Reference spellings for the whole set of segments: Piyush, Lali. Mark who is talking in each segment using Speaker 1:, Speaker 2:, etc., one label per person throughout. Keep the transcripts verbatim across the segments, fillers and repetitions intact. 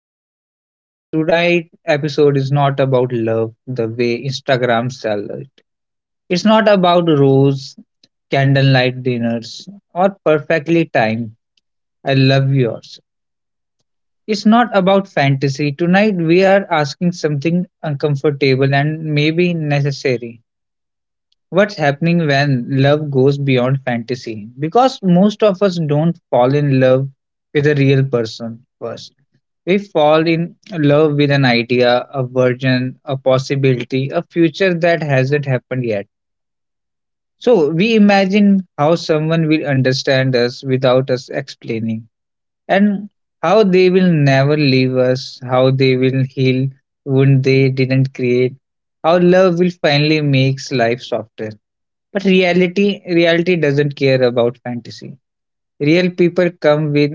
Speaker 1: podcast. Today's episode is not about love the way Instagram sells it. It's not about rose, candlelight dinners, or perfectly timed I love yours. It's not about fantasy. Tonight, we are asking something uncomfortable and maybe necessary. What's happening when love goes beyond fantasy? Because most of us don't fall in love with a real person first. We fall in love with an idea, a version, a possibility, a future that hasn't happened yet. So we imagine how someone will understand us without us explaining, and how they will never leave us, how they will heal wound they didn't create, how love will finally makes life softer. But reality, reality doesn't care about fantasy. Real people come with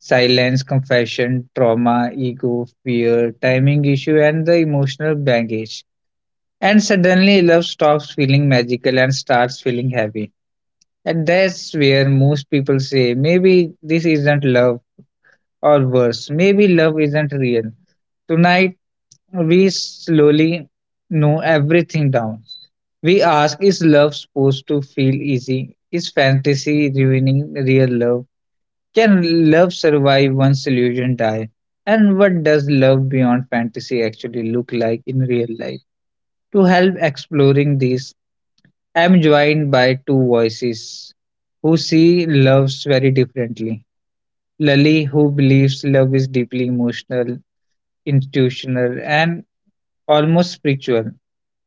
Speaker 1: silence, confession, trauma, ego, fear, timing issue, and the emotional baggage. And suddenly, love stops feeling magical and starts feeling heavy. And that's where most people say, maybe this isn't love, or worse, maybe love isn't real. Tonight, we slowly know everything down. We ask, is love supposed to feel easy? Is fantasy ruining real love? Can love survive once illusion die? And what does love beyond fantasy actually look like in real life? To help exploring this, I am joined by two voices who see loves very differently. Lali, who believes love is deeply emotional, institutional, and almost spiritual,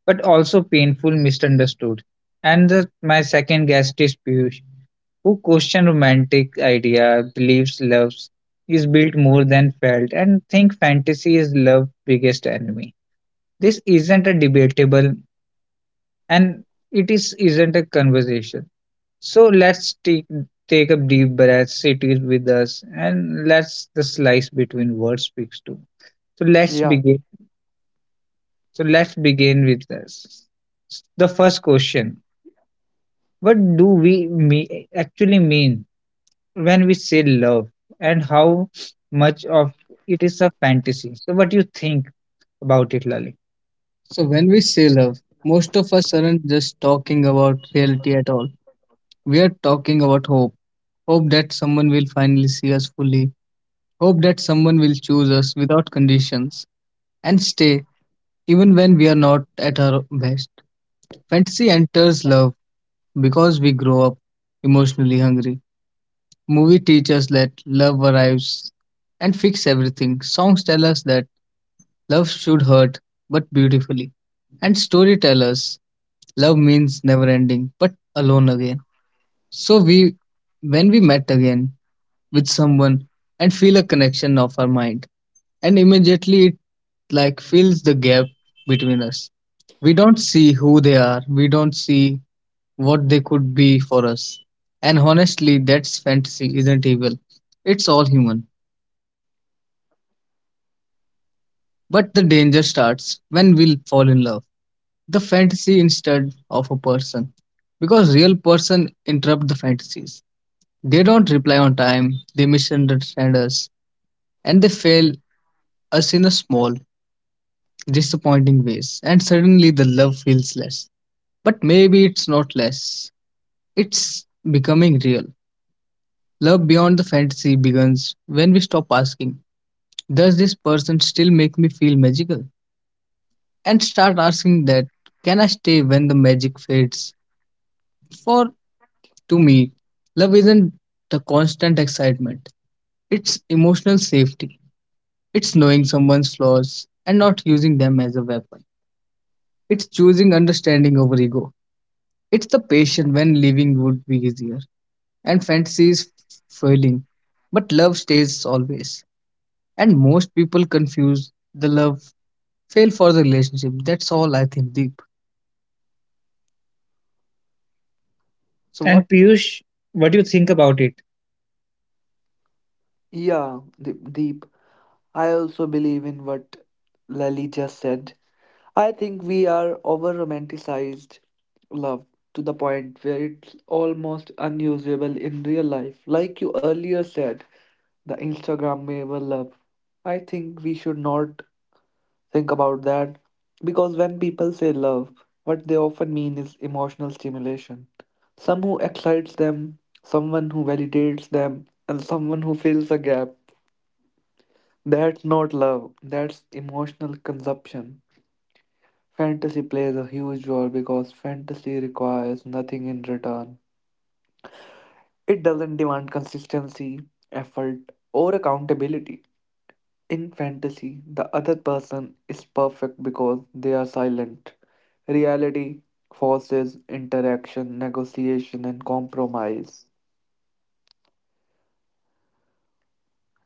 Speaker 1: but also painful, misunderstood. And the, my second guest is Piyush, who question romantic idea, believes love is built more than felt, and think fantasy is love's biggest enemy. This isn't a debatable, and it is isn't a conversation. So let's take take a deep breath, sit it with us, and let's the slice between words speaks to. So let's
Speaker 2: Yeah,
Speaker 1: begin. So let's begin with this. The first question: what do we me- actually mean when we say love and how much of it is a fantasy. So, what do you think about it, Lali? So, when we say love, most of us aren't just talking about reality at all. We are talking about hope. Hope that someone will finally see us fully. Hope that someone will choose us without conditions and stay even when we are not at our best. Fantasy enters love because we grow up emotionally hungry. Movie teaches that love arrives and fix everything. Songs tell us that love should hurt, but beautifully. And story tell us love means never ending, but alone again. So we, when we met again with someone and feel a connection of our mind, and immediately it like fills the gap between us. We don't see who they are. We don't see what they could be for us. And honestly, that's fantasy, isn't evil. It's all human. But the danger starts when we fall in love. The fantasy instead of a person. Because real person interrupt the fantasies. They don't reply on time, they misunderstand us, and they fail us in a small, disappointing ways. And suddenly the love feels less. But maybe it's not less. It's becoming real. Love beyond the fantasy begins when we stop asking, does this person still make me feel magical? And start asking that can I stay when the magic fades? For To me, love isn't the constant excitement, it's emotional safety. It's knowing someone's flaws and not using them as a weapon. It's choosing understanding over ego. It's the patience when living would be easier and fantasy is failing. But love stays always. And most people confuse the love fail for the relationship. That's all I think, Deep. So, what? And Piyush, what do you think about it?
Speaker 2: yeah, Deep. Deep. I also believe in what Lali just said. I think we are over romanticized love to the point where it's almost unusable in real life. Like you earlier said, the Instagrammable love. I think we should not think about that because when people say love, what they often mean is emotional stimulation. Some who excites them, someone who validates them, and someone who fills a gap. That's not love, that's emotional consumption. Fantasy plays a huge role because fantasy requires nothing in return. It doesn't demand consistency, effort, or accountability. In fantasy, the other person is perfect because they are silent. Reality forces interaction, negotiation, and compromise.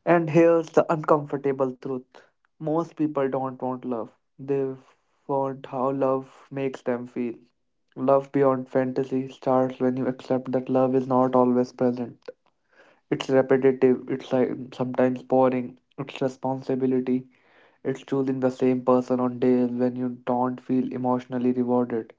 Speaker 2: And here's the uncomfortable truth, most people don't want love, they want how love makes them feel. Love beyond fantasy starts when you accept that love is not always present. It's repetitive, it's like sometimes boring, it's responsibility, it's choosing the same person on days when you don't feel emotionally rewarded.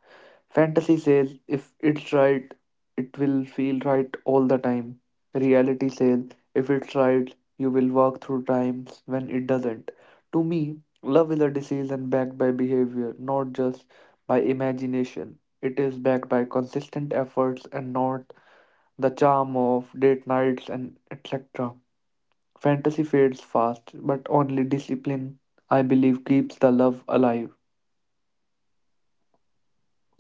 Speaker 2: Fantasy says if it's right, it will feel right all the time. Reality says if it's right, you will walk through times when it doesn't. To me, love is a decision backed by behavior, not just by imagination. It is backed by consistent efforts and not the charm of date nights and et cetera. Fantasy fades fast, but only discipline, I believe, keeps the love alive.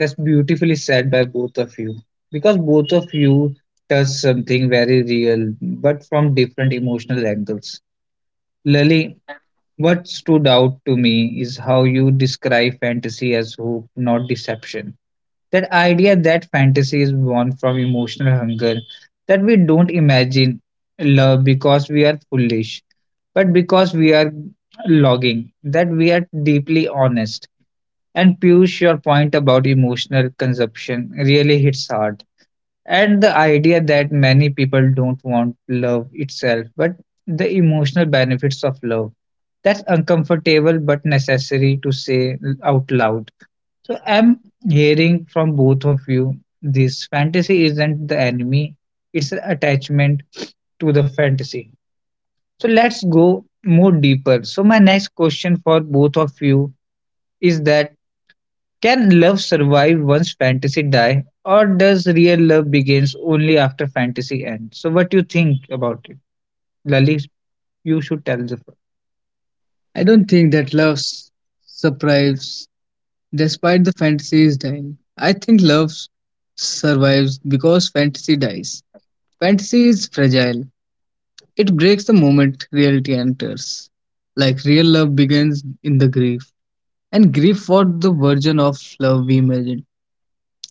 Speaker 1: That's beautifully said by both of you because both of you touch something very real but from different emotional angles. Lily, what stood out to me is how you describe fantasy as hope, not deception. That idea that fantasy is born from emotional hunger, that we don't imagine love because we are foolish, but because we are longing, that we are deeply honest and Piyush, your point about emotional consumption really hits hard. And the idea that many people don't want love itself, but the emotional benefits of love. That's uncomfortable but necessary to say out loud. So I'm hearing from both of you this fantasy isn't the enemy, it's an attachment to the fantasy. So let's go more deeper. So, my next question for both of you is that can love survive once fantasy die, or does real love begins only after fantasy ends? So, what do you think about it, Lali? You should tell the first. I don't think that love s- survives despite the fantasy is dying. I think love s- survives because fantasy dies. Fantasy is fragile. It breaks the moment reality enters. Like real love begins in the grief, and grief for the version of love we imagined.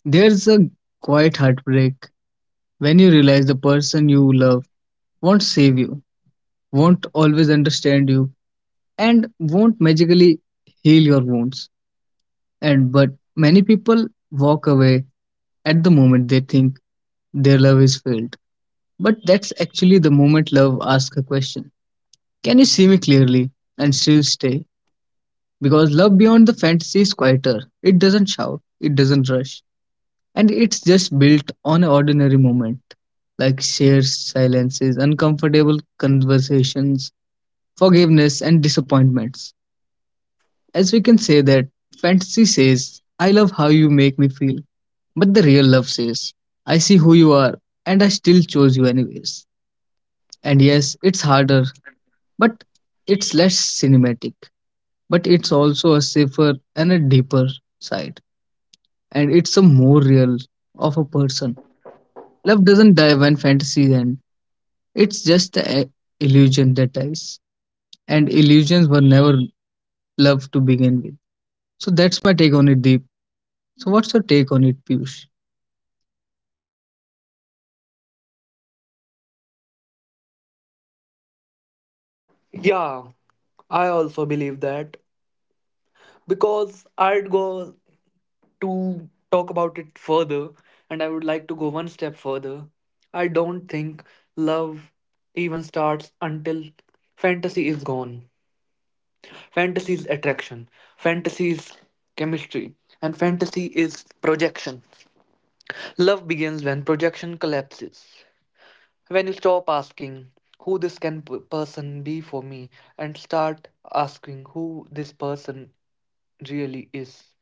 Speaker 1: There's a quiet heartbreak when you realize the person you love won't save you, won't always understand you, and won't magically heal your wounds. And but many people walk away at the moment they think their love is failed. But that's actually the moment love asks a question. Can you see me clearly and still stay? Because love beyond the fantasy is quieter. It doesn't shout, it doesn't rush. And it's just built on an ordinary moment like shared silences, uncomfortable conversations, forgiveness, and disappointments. As we can say that fantasy says, I love how you make me feel, but the real love says, I see who you are and I still chose you anyways. And yes, it's harder, but it's less cinematic, but it's also a safer and a deeper side, and it's a more real of a person. Love doesn't die when fantasies end. It's just the illusion that dies. And illusions were never love to begin with. So that's my take on it, Deep. So what's your take on it, Piyush?
Speaker 2: Yeah, I also believe that, because I'd go to talk about it further and I would like to go one step further. I don't think love even starts until fantasy is gone. Fantasy is attraction, fantasy is chemistry, and fantasy is projection. Love begins when projection collapses. When you stop asking who this can p- person be for me and start asking who this person really is.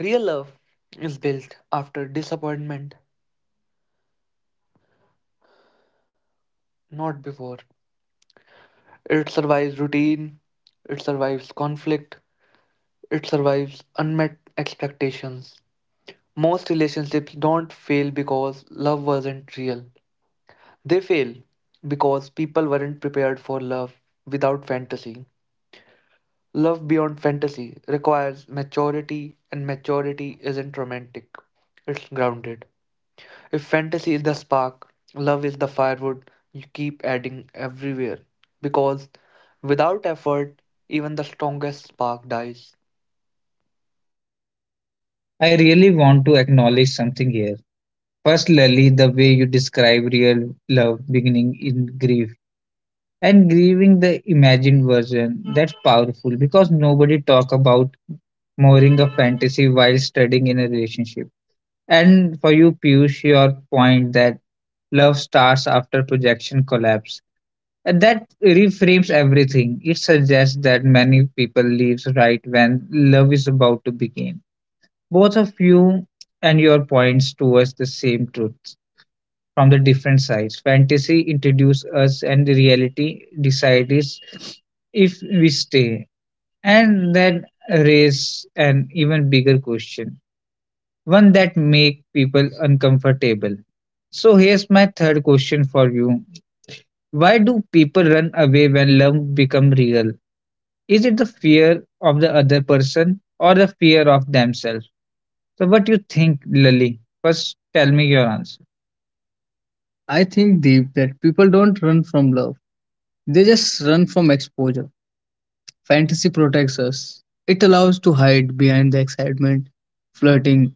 Speaker 2: Real love is built after disappointment, not before. It survives routine, it survives conflict, it survives unmet expectations. Most relationships don't fail because love wasn't real. They fail because people weren't prepared for love without fantasy. Love beyond fantasy requires maturity, and maturity isn't romantic, it's grounded. If fantasy is the spark, love is the firewood you keep adding everywhere. Because without effort, even the strongest spark dies.
Speaker 1: I really want to acknowledge something here. First, Lali, the way you describe real love beginning in grief and grieving the imagined version, that's powerful because nobody talk about mooring a fantasy while studying in a relationship. And for you, Piyush, your point that love starts after projection collapse. And that reframes everything. It suggests that many people leaves right when love is about to begin. Both of you and your points towards the same truth from the different sides. Fantasy introduces us and the reality decides if we stay. And that raises an even bigger question. One that makes people uncomfortable. So here's my third question for you. Why do people run away when love becomes real? Is it the fear of the other person or the fear of themselves? So what do you think, Lily? First tell me your answer. I think deep that people don't run from love. They just run from exposure. Fantasy protects us. It allows to hide behind the excitement, flirting,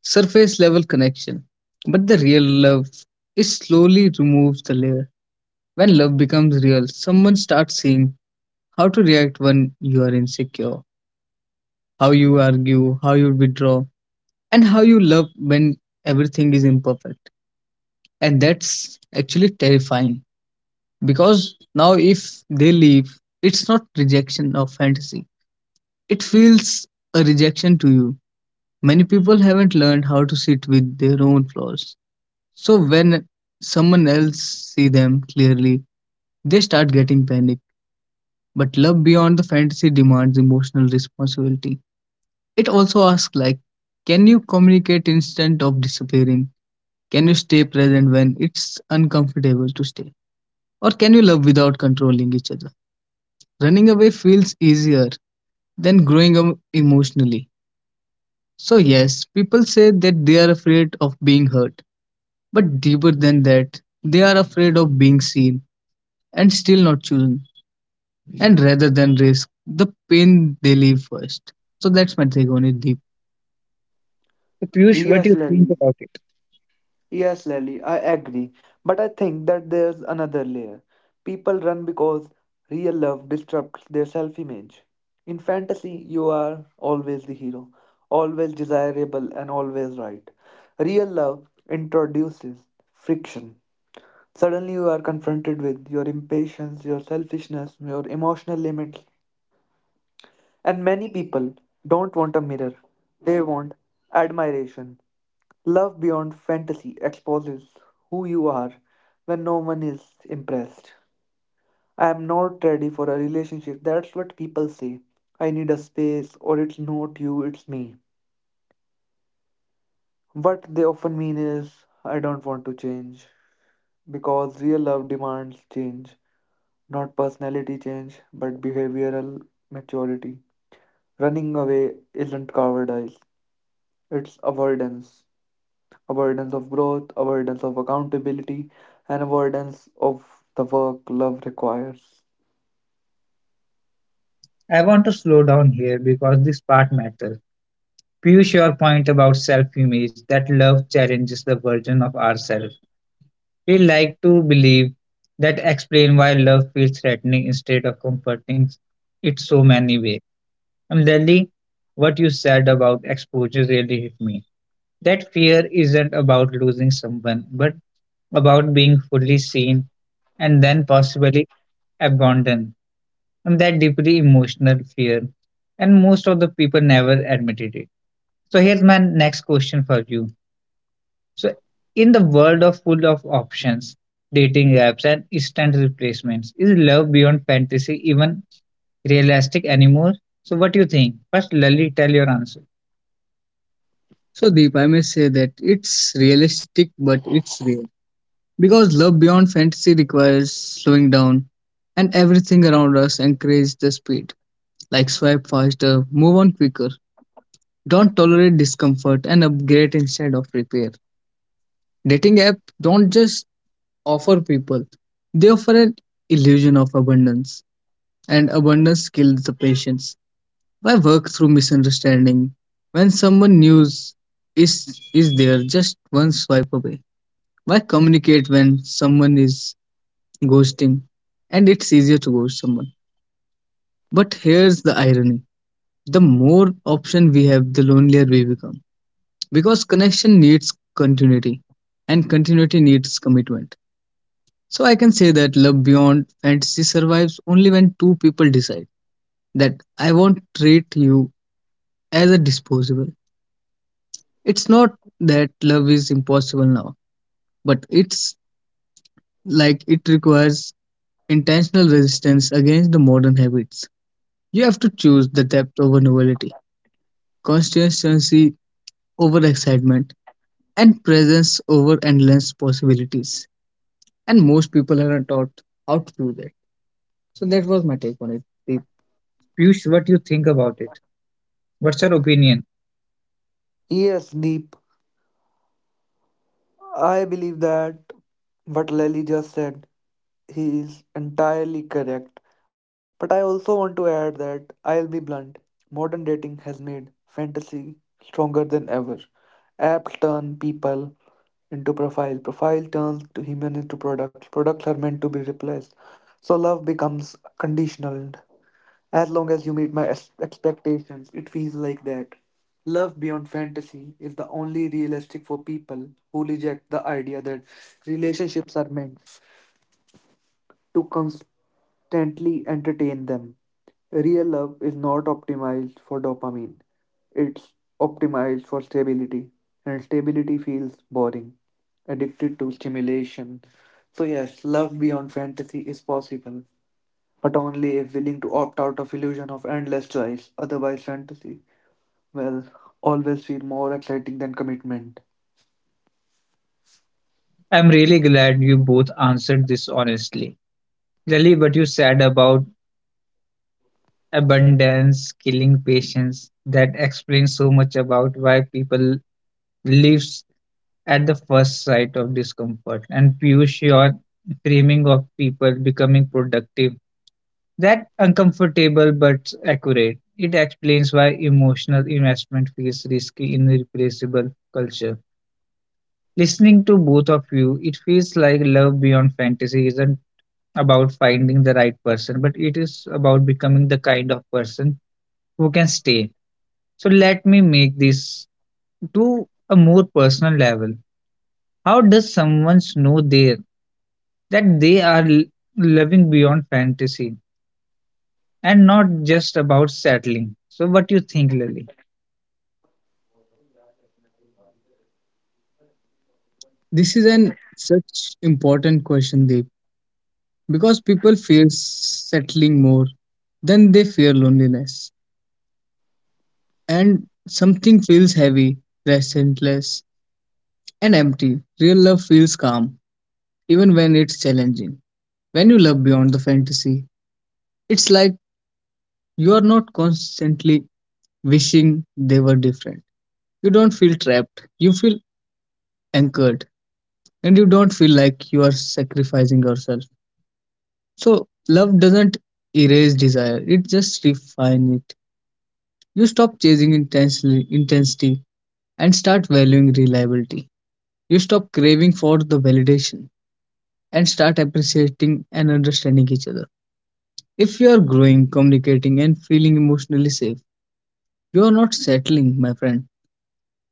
Speaker 1: surface level connection. But the real love it slowly removes the layer. When love becomes real, someone starts seeing how to react when you are insecure, how you argue, how you withdraw. And how you love when everything is imperfect. And that's actually terrifying because now, if they leave, it's not rejection of fantasy, it feels a rejection to you. Many people haven't learned how to sit with their own flaws. So, when someone else see them clearly, they start getting panic. But love beyond the fantasy demands emotional responsibility. It also asks, like, can you communicate instead of disappearing? Can you stay present when it's uncomfortable to stay? Or can you love without controlling each other? Running away feels easier than growing up emotionally. So, yes, people say that they are afraid of being hurt, but deeper than that, they are afraid of being seen and still not chosen, and rather than risk the pain they leave first. So, that's my take on it, Deep. So Piyush, what do you
Speaker 2: Yes,
Speaker 1: think
Speaker 2: Lally.
Speaker 1: about it?
Speaker 2: Yes, Lally. I agree. But I think that there's another layer. People run because real love disrupts their self image. In fantasy, you are always the hero, always desirable, and always right. Real love introduces friction. Suddenly, you are confronted with your impatience, your selfishness, your emotional limits. And many people don't want a mirror, they want admiration. Love beyond fantasy exposes who you are when no one is impressed. I am not ready for a relationship. That's what people say. I need a space, or it's not you, it's me. What they often mean is, I don't want to change because real love demands change. Not personality change, but behavioral maturity. Running away isn't cowardice, it's avoidance. Avoidance of growth, avoidance of accountability, and avoidance of the work love requires.
Speaker 1: I want to slow down here because this part matters. Piyush, your point about self-image, that love challenges the version of ourselves. We like to believe that explain why love feels threatening instead of comforting it so many ways. And Lily, what you said about exposure really hit me. That fear isn't about losing someone, but about being fully seen and then possibly abandoned. And that deeply emotional fear. And most of the people never admitted it. So here's my next question for you. So, in the world of full of options, dating apps, and instant replacements, is love beyond fantasy even realistic anymore? So, what do you think? First, Lali, tell your answer. So, Deep, I may say that it's realistic, but it's real. Because love beyond fantasy requires slowing down, and everything around us encourages the speed. Like swipe faster, move on quicker, don't tolerate discomfort, and upgrade instead of repair. Dating app don't just offer people. They offer an illusion of abundance, and abundance kills the patience. Why work through misunderstanding when someone news is is there just one swipe away? Why communicate when someone is ghosting? And it's easier to ghost someone. But here's the irony: the more option we have, the lonelier we become, because connection needs continuity, and continuity needs commitment. So I can say that love beyond fantasy survives only when two people decide that I won't treat you as a disposable. It's not that love is impossible now, but it's like it requires intentional resistance against the modern habits. You have to choose the depth over novelty, consistency over excitement, and presence over endless possibilities. And most people are not taught how to do that. So that was my take on it. Deep. Piyush, what you think about it? What's your opinion?
Speaker 2: Yes, Deep, I believe that what Lely just said, he is entirely correct. But I also want to add that I'll be blunt. Modern dating has made fantasy stronger than ever. Apps turn people into profile. Profile turns to human into product. Products are meant to be replaced. So love becomes conditional. As long as you meet my ex- expectations, it feels like that. Love beyond fantasy is the only realistic for people who reject the idea that relationships are meant to constantly entertain them. Real love is not optimized for dopamine, it's optimized for stability, and stability feels boring, addicted to stimulation. So, yes, love beyond fantasy is possible, but only if willing to opt out of illusion of endless choice. Otherwise, fantasy will always feel more exciting than commitment.
Speaker 1: I'm really glad you both answered this honestly. Really, what you said about abundance, killing patience, that explains so much about why people lives at the first sight of discomfort. And Piyush, your framing of people becoming productive, that uncomfortable but accurate. It explains why emotional investment feels risky in irreplaceable culture. Listening to both of you, it feels like love beyond fantasy isn't about finding the right person, but it is about becoming the kind of person who can stay. So let me make this to a more personal level. How does someone know there that they are l- living beyond fantasy and not just about settling? So what do you think, Lily? This is an such important question, Deep, because people fear settling more than they fear loneliness, and something feels heavy, restless, and empty. Real love feels calm, even when it's challenging. When you love beyond the fantasy, it's like you are not constantly wishing they were different. You don't feel trapped, you feel anchored, and you don't feel like you are sacrificing yourself. So, love doesn't erase desire, it just refines it. You stop chasing intensely, intensity and start valuing reliability. You stop craving for the validation and start appreciating and understanding each other. If you are growing, communicating, and feeling emotionally safe, you are not settling, my friend.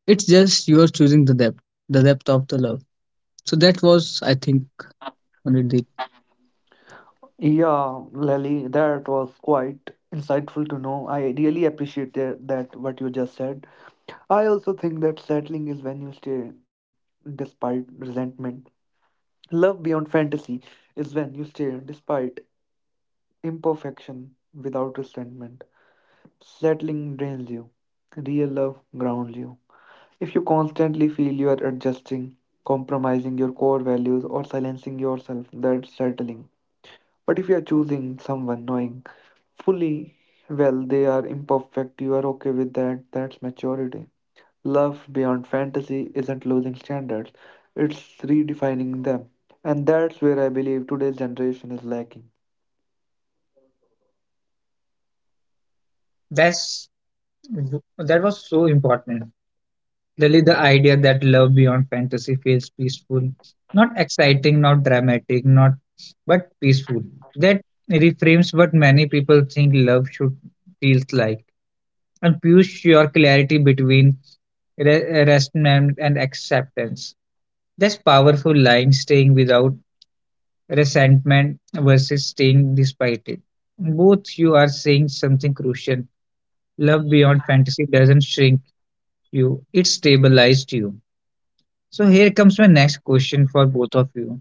Speaker 1: It's just you are choosing the depth, the depth of the love. So that was, I think, Anirdeep.
Speaker 2: Yeah, Lally, that was quite insightful to know. I really appreciate that, that what you just said. I also think that settling is when you stay despite resentment. Love beyond fantasy is when you stay despite imperfection without resentment. Settling drains you. Real love grounds you. If you constantly feel you are adjusting, compromising your core values, or silencing yourself, that's settling. But if you are choosing someone knowing fully well they are imperfect, you are okay with that, that's maturity. Love beyond fantasy isn't losing standards, it's redefining them, and that's where I believe today's generation is lacking.
Speaker 1: That's that was so important. Really, the idea that love beyond fantasy feels peaceful, not exciting, not dramatic, not but peaceful. That reframes what many people think love should feels like, and push your clarity between re- rest and, and acceptance. That's powerful line staying without resentment versus staying despite it. Both you are saying something crucial. Love beyond fantasy doesn't shrink you, it stabilized you. So here comes my next question for both of you.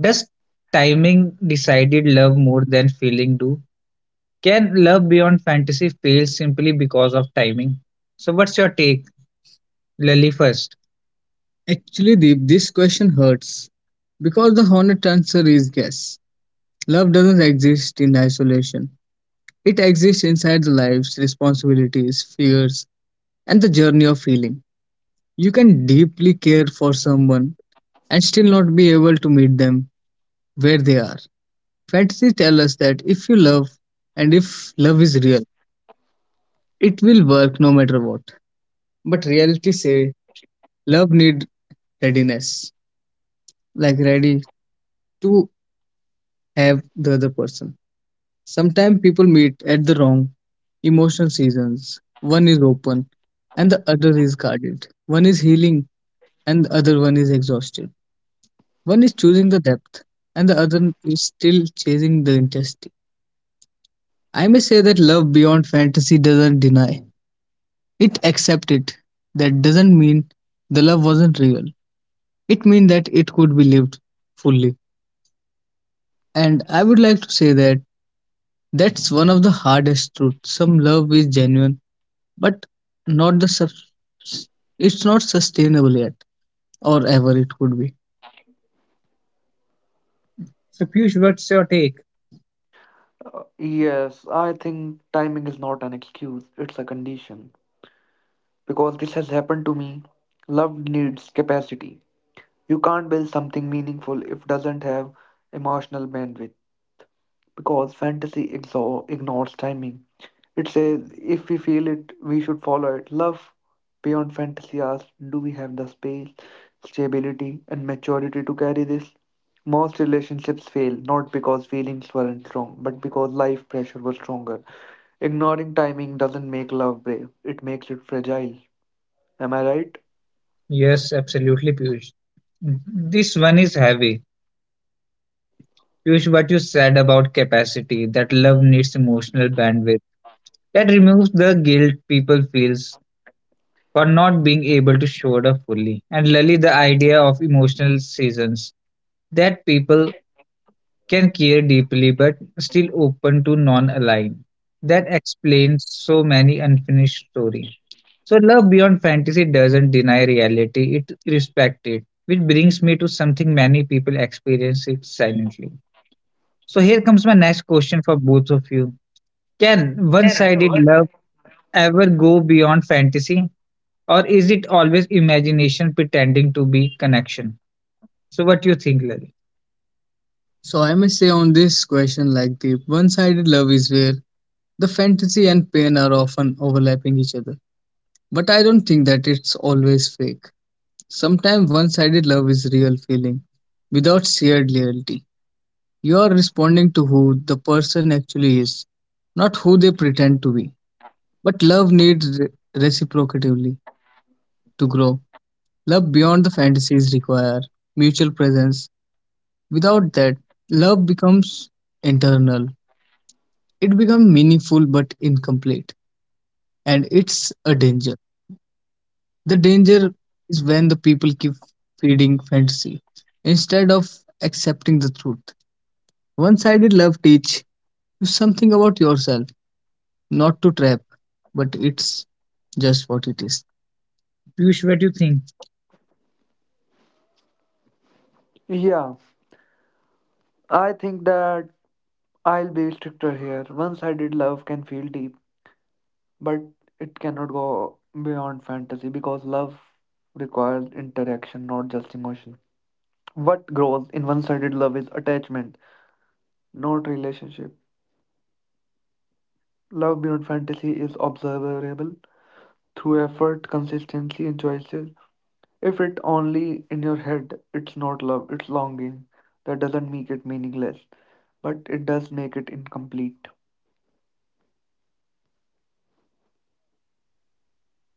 Speaker 1: Does timing decided love more than feeling do? Can love beyond fantasy fail simply because of timing? So what's your take, Lily first? Actually, Deep, this question hurts because the honest answer is yes. Love doesn't exist in isolation. It exists inside the lives, responsibilities, fears, and the journey of healing. You can deeply care for someone and still not be able to meet them where they are. Fantasy tells us that if you love and if love is real, it will work no matter what. But reality say love need readiness, like ready to have the other person. Sometimes people meet at the wrong emotional seasons. One is open and the other is guarded. One is healing and the other one is exhausted. One is choosing the depth and the other is still chasing the intensity. I may say that love beyond fantasy doesn't deny. It accepts it. That doesn't mean the love wasn't real. It means that it could be lived fully. And I would like to say that that's one of the hardest truths. Some love is genuine but not the sus- it's not sustainable yet or ever it would be. So, Piyush, what's your take?
Speaker 2: Uh, yes, I think timing is not an excuse, it's a condition, because this has happened to me. Love needs capacity, you can't build something meaningful if it doesn't have emotional bandwidth, because fantasy exo- ignores timing. It says, if we feel it, we should follow it. Love beyond fantasy asks, do we have the space, stability, and maturity to carry this? Most relationships fail not because feelings weren't strong, but because life pressure was stronger. Ignoring timing doesn't make love brave, it makes it fragile. Am I right?
Speaker 1: Yes, absolutely, Piyush. This one is heavy. Piyush, what you said about capacity, that love needs emotional bandwidth, that removes the guilt people feels for not being able to show it up fully. And Lali, the idea of emotional seasons, that people can care deeply but still open to non-aligned. That explains so many unfinished stories. So love beyond fantasy doesn't deny reality, it respects it, which brings me to something many people experience it silently. So here comes my next question for both of you. Can one-sided love ever go beyond fantasy or is it always imagination pretending to be connection? So what do you think, Lal? So I must say on this question, like the one-sided love is where the fantasy and pain are often overlapping each other. But I don't think that it's always fake. Sometimes one-sided love is real feeling without shared loyalty. You are responding to who the person actually is, not who they pretend to be. But love needs re- reciprocity to grow. Love beyond the fantasies require mutual presence. Without that, love becomes internal, it becomes meaningful but incomplete, and it's a danger. The danger is when the people keep feeding fantasy instead of accepting the truth. One-sided love teach you something about yourself, not to trap, but it's just what it is. Piyush, what do you think?
Speaker 2: Yeah, I think that I'll be stricter here. One sided love can feel deep, but it cannot go beyond fantasy because love requires interaction, not just emotion. What grows in one sided love is attachment, not relationship. Love beyond fantasy is observable through effort, consistency, and choices. If it's only in your head, it's not love, it's longing. That doesn't make it meaningless, but it does make it incomplete.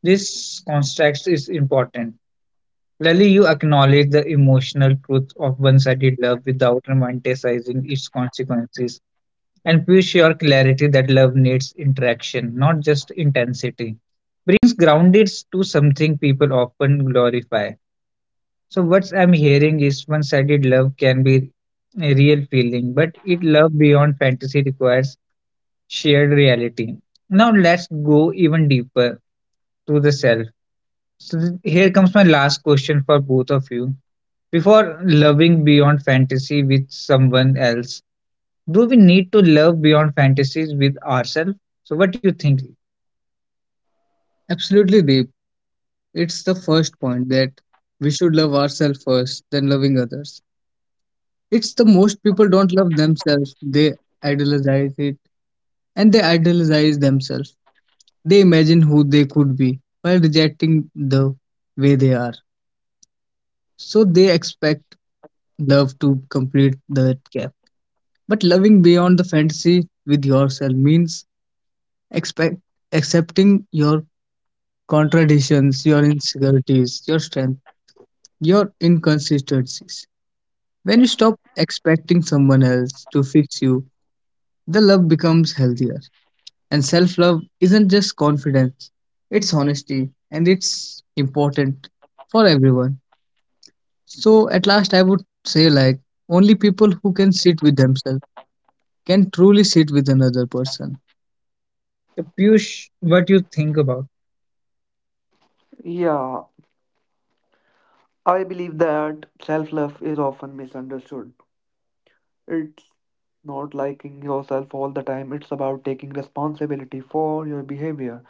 Speaker 1: This context is important. Clearly, you acknowledge the emotional truth of one sided love without romanticizing its consequences. And push your clarity that love needs interaction, not just intensity. Brings grounded to something people often glorify. So what I'm hearing is one-sided love can be a real feeling, but it love beyond fantasy requires shared reality. Now let's go even deeper to the self. So th- here comes my last question for both of you. Before loving beyond fantasy with someone else, do we need to love beyond fantasies with ourselves? So, what do you think? Absolutely, Deep. It's the first point that we should love ourselves first, then loving others. It's the most people don't love themselves. They idealize it and they idealize themselves. They imagine who they could be while rejecting the way they are. So they expect love to complete that gap. But loving beyond the fantasy with yourself means expect accepting your contradictions, your insecurities, your strength, your inconsistencies. When you stop expecting someone else to fix you, the love becomes healthier. And self love isn't just confidence, it's honesty, and it's important for everyone. So, at last, I would say like, only people who can sit with themselves can truly sit with another person. So, Piyush, what you think about?
Speaker 2: Yeah, I believe that self love is often misunderstood. It's not liking yourself all the time, it's about taking responsibility for your behavior.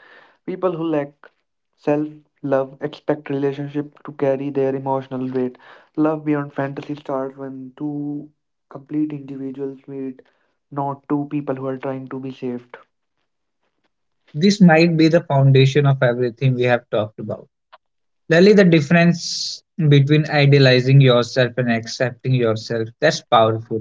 Speaker 2: People who lack self love expect relationship to carry their emotional weight. Love beyond fantasy starts when two complete individuals meet, not two people who are trying to be saved.
Speaker 1: This might be the foundation of everything we have talked about. Lally, the difference between idealizing yourself and accepting yourself, that's powerful.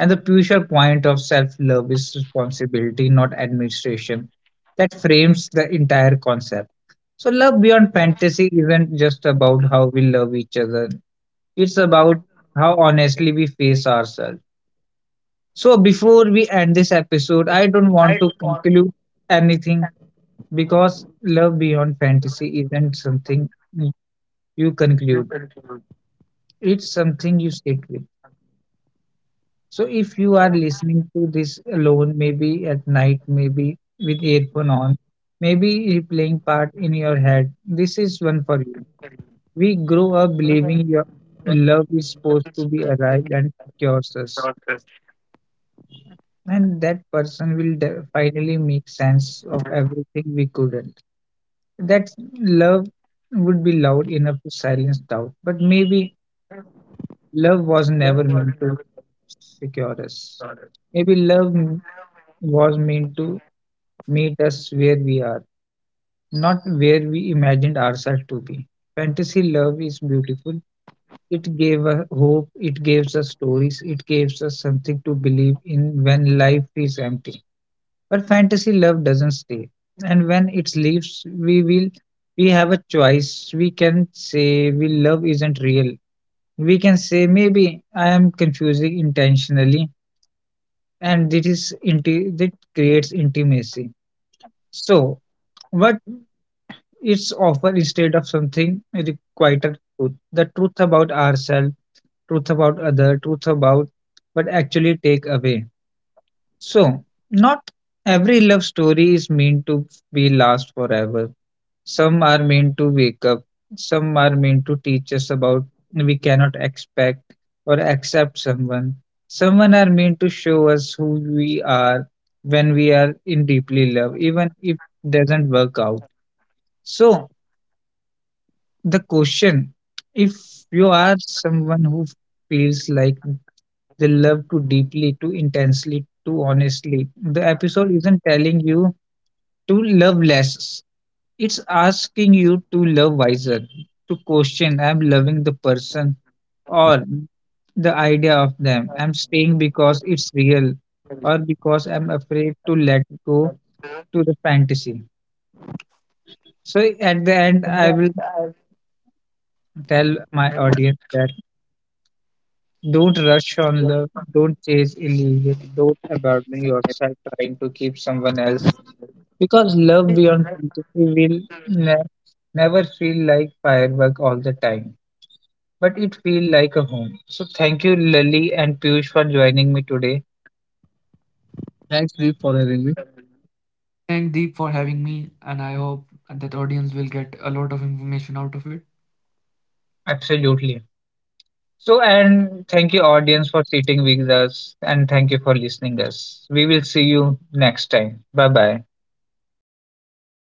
Speaker 1: And the crucial point of self love is responsibility, not administration. That frames the entire concept. So, love beyond fantasy isn't just about how we love each other, it's about how honestly we face ourselves. So, before we end this episode, I don't
Speaker 2: I
Speaker 1: want to
Speaker 2: don't want to
Speaker 1: conclude anything
Speaker 2: thank
Speaker 1: because love beyond fantasy isn't something you
Speaker 2: you. You
Speaker 1: conclude,
Speaker 2: continue.
Speaker 1: it's something you sit with. So if you are listening to this alone, maybe at night, maybe with earphone on, maybe replaying part in your head, this is one for you. We grow up believing your love is supposed to be arrived and secures us, and that person will de- finally make sense of everything we couldn't. That love would be loud enough to silence doubt, but maybe love was never meant to secure us, maybe love was meant to meet us where we are, not where we imagined ourselves to be. Fantasy love is beautiful. It gave us hope, it gives us stories, it gives us something to believe in when life is empty. But fantasy love doesn't stay. And when it leaves, we will we have a choice. We can say we love isn't real. We can say maybe I am confusing intentionally and this is inti- that creates intimacy. So, what it's often instead of something the quieter truth, the truth about ourselves, truth about other, truth about what actually take away. So, not every love story is meant to be last forever. Some are meant to wake up. Some are meant to teach us about we cannot expect or accept someone. Someone are meant to show us who we are when we are in deeply love, even if it doesn't work out. So, the question if you are someone who feels like they love too deeply, too intensely, too honestly, the episode isn't telling you to love less, it's asking you to love wiser, to question I'm loving the person or the idea of them. I'm staying because it's real or because I'm afraid to let go to the fantasy. So, at the end, I will tell my audience that. Don't rush on love. Don't chase illusion. Don't abandon yourself trying to keep someone else. Because love beyond fantasy will ne- never feel like firework all the time, but it feels like a home. So thank you, Lily and Piyush, for joining me today. Thanks, Deep, for having me.
Speaker 2: Thank Deep for having me, and I hope that audience will get a lot of information out of it.
Speaker 1: Absolutely. So and thank you, audience, for sitting with us, and thank you for listening us. We will see you next time. Bye bye.
Speaker 2: Bye.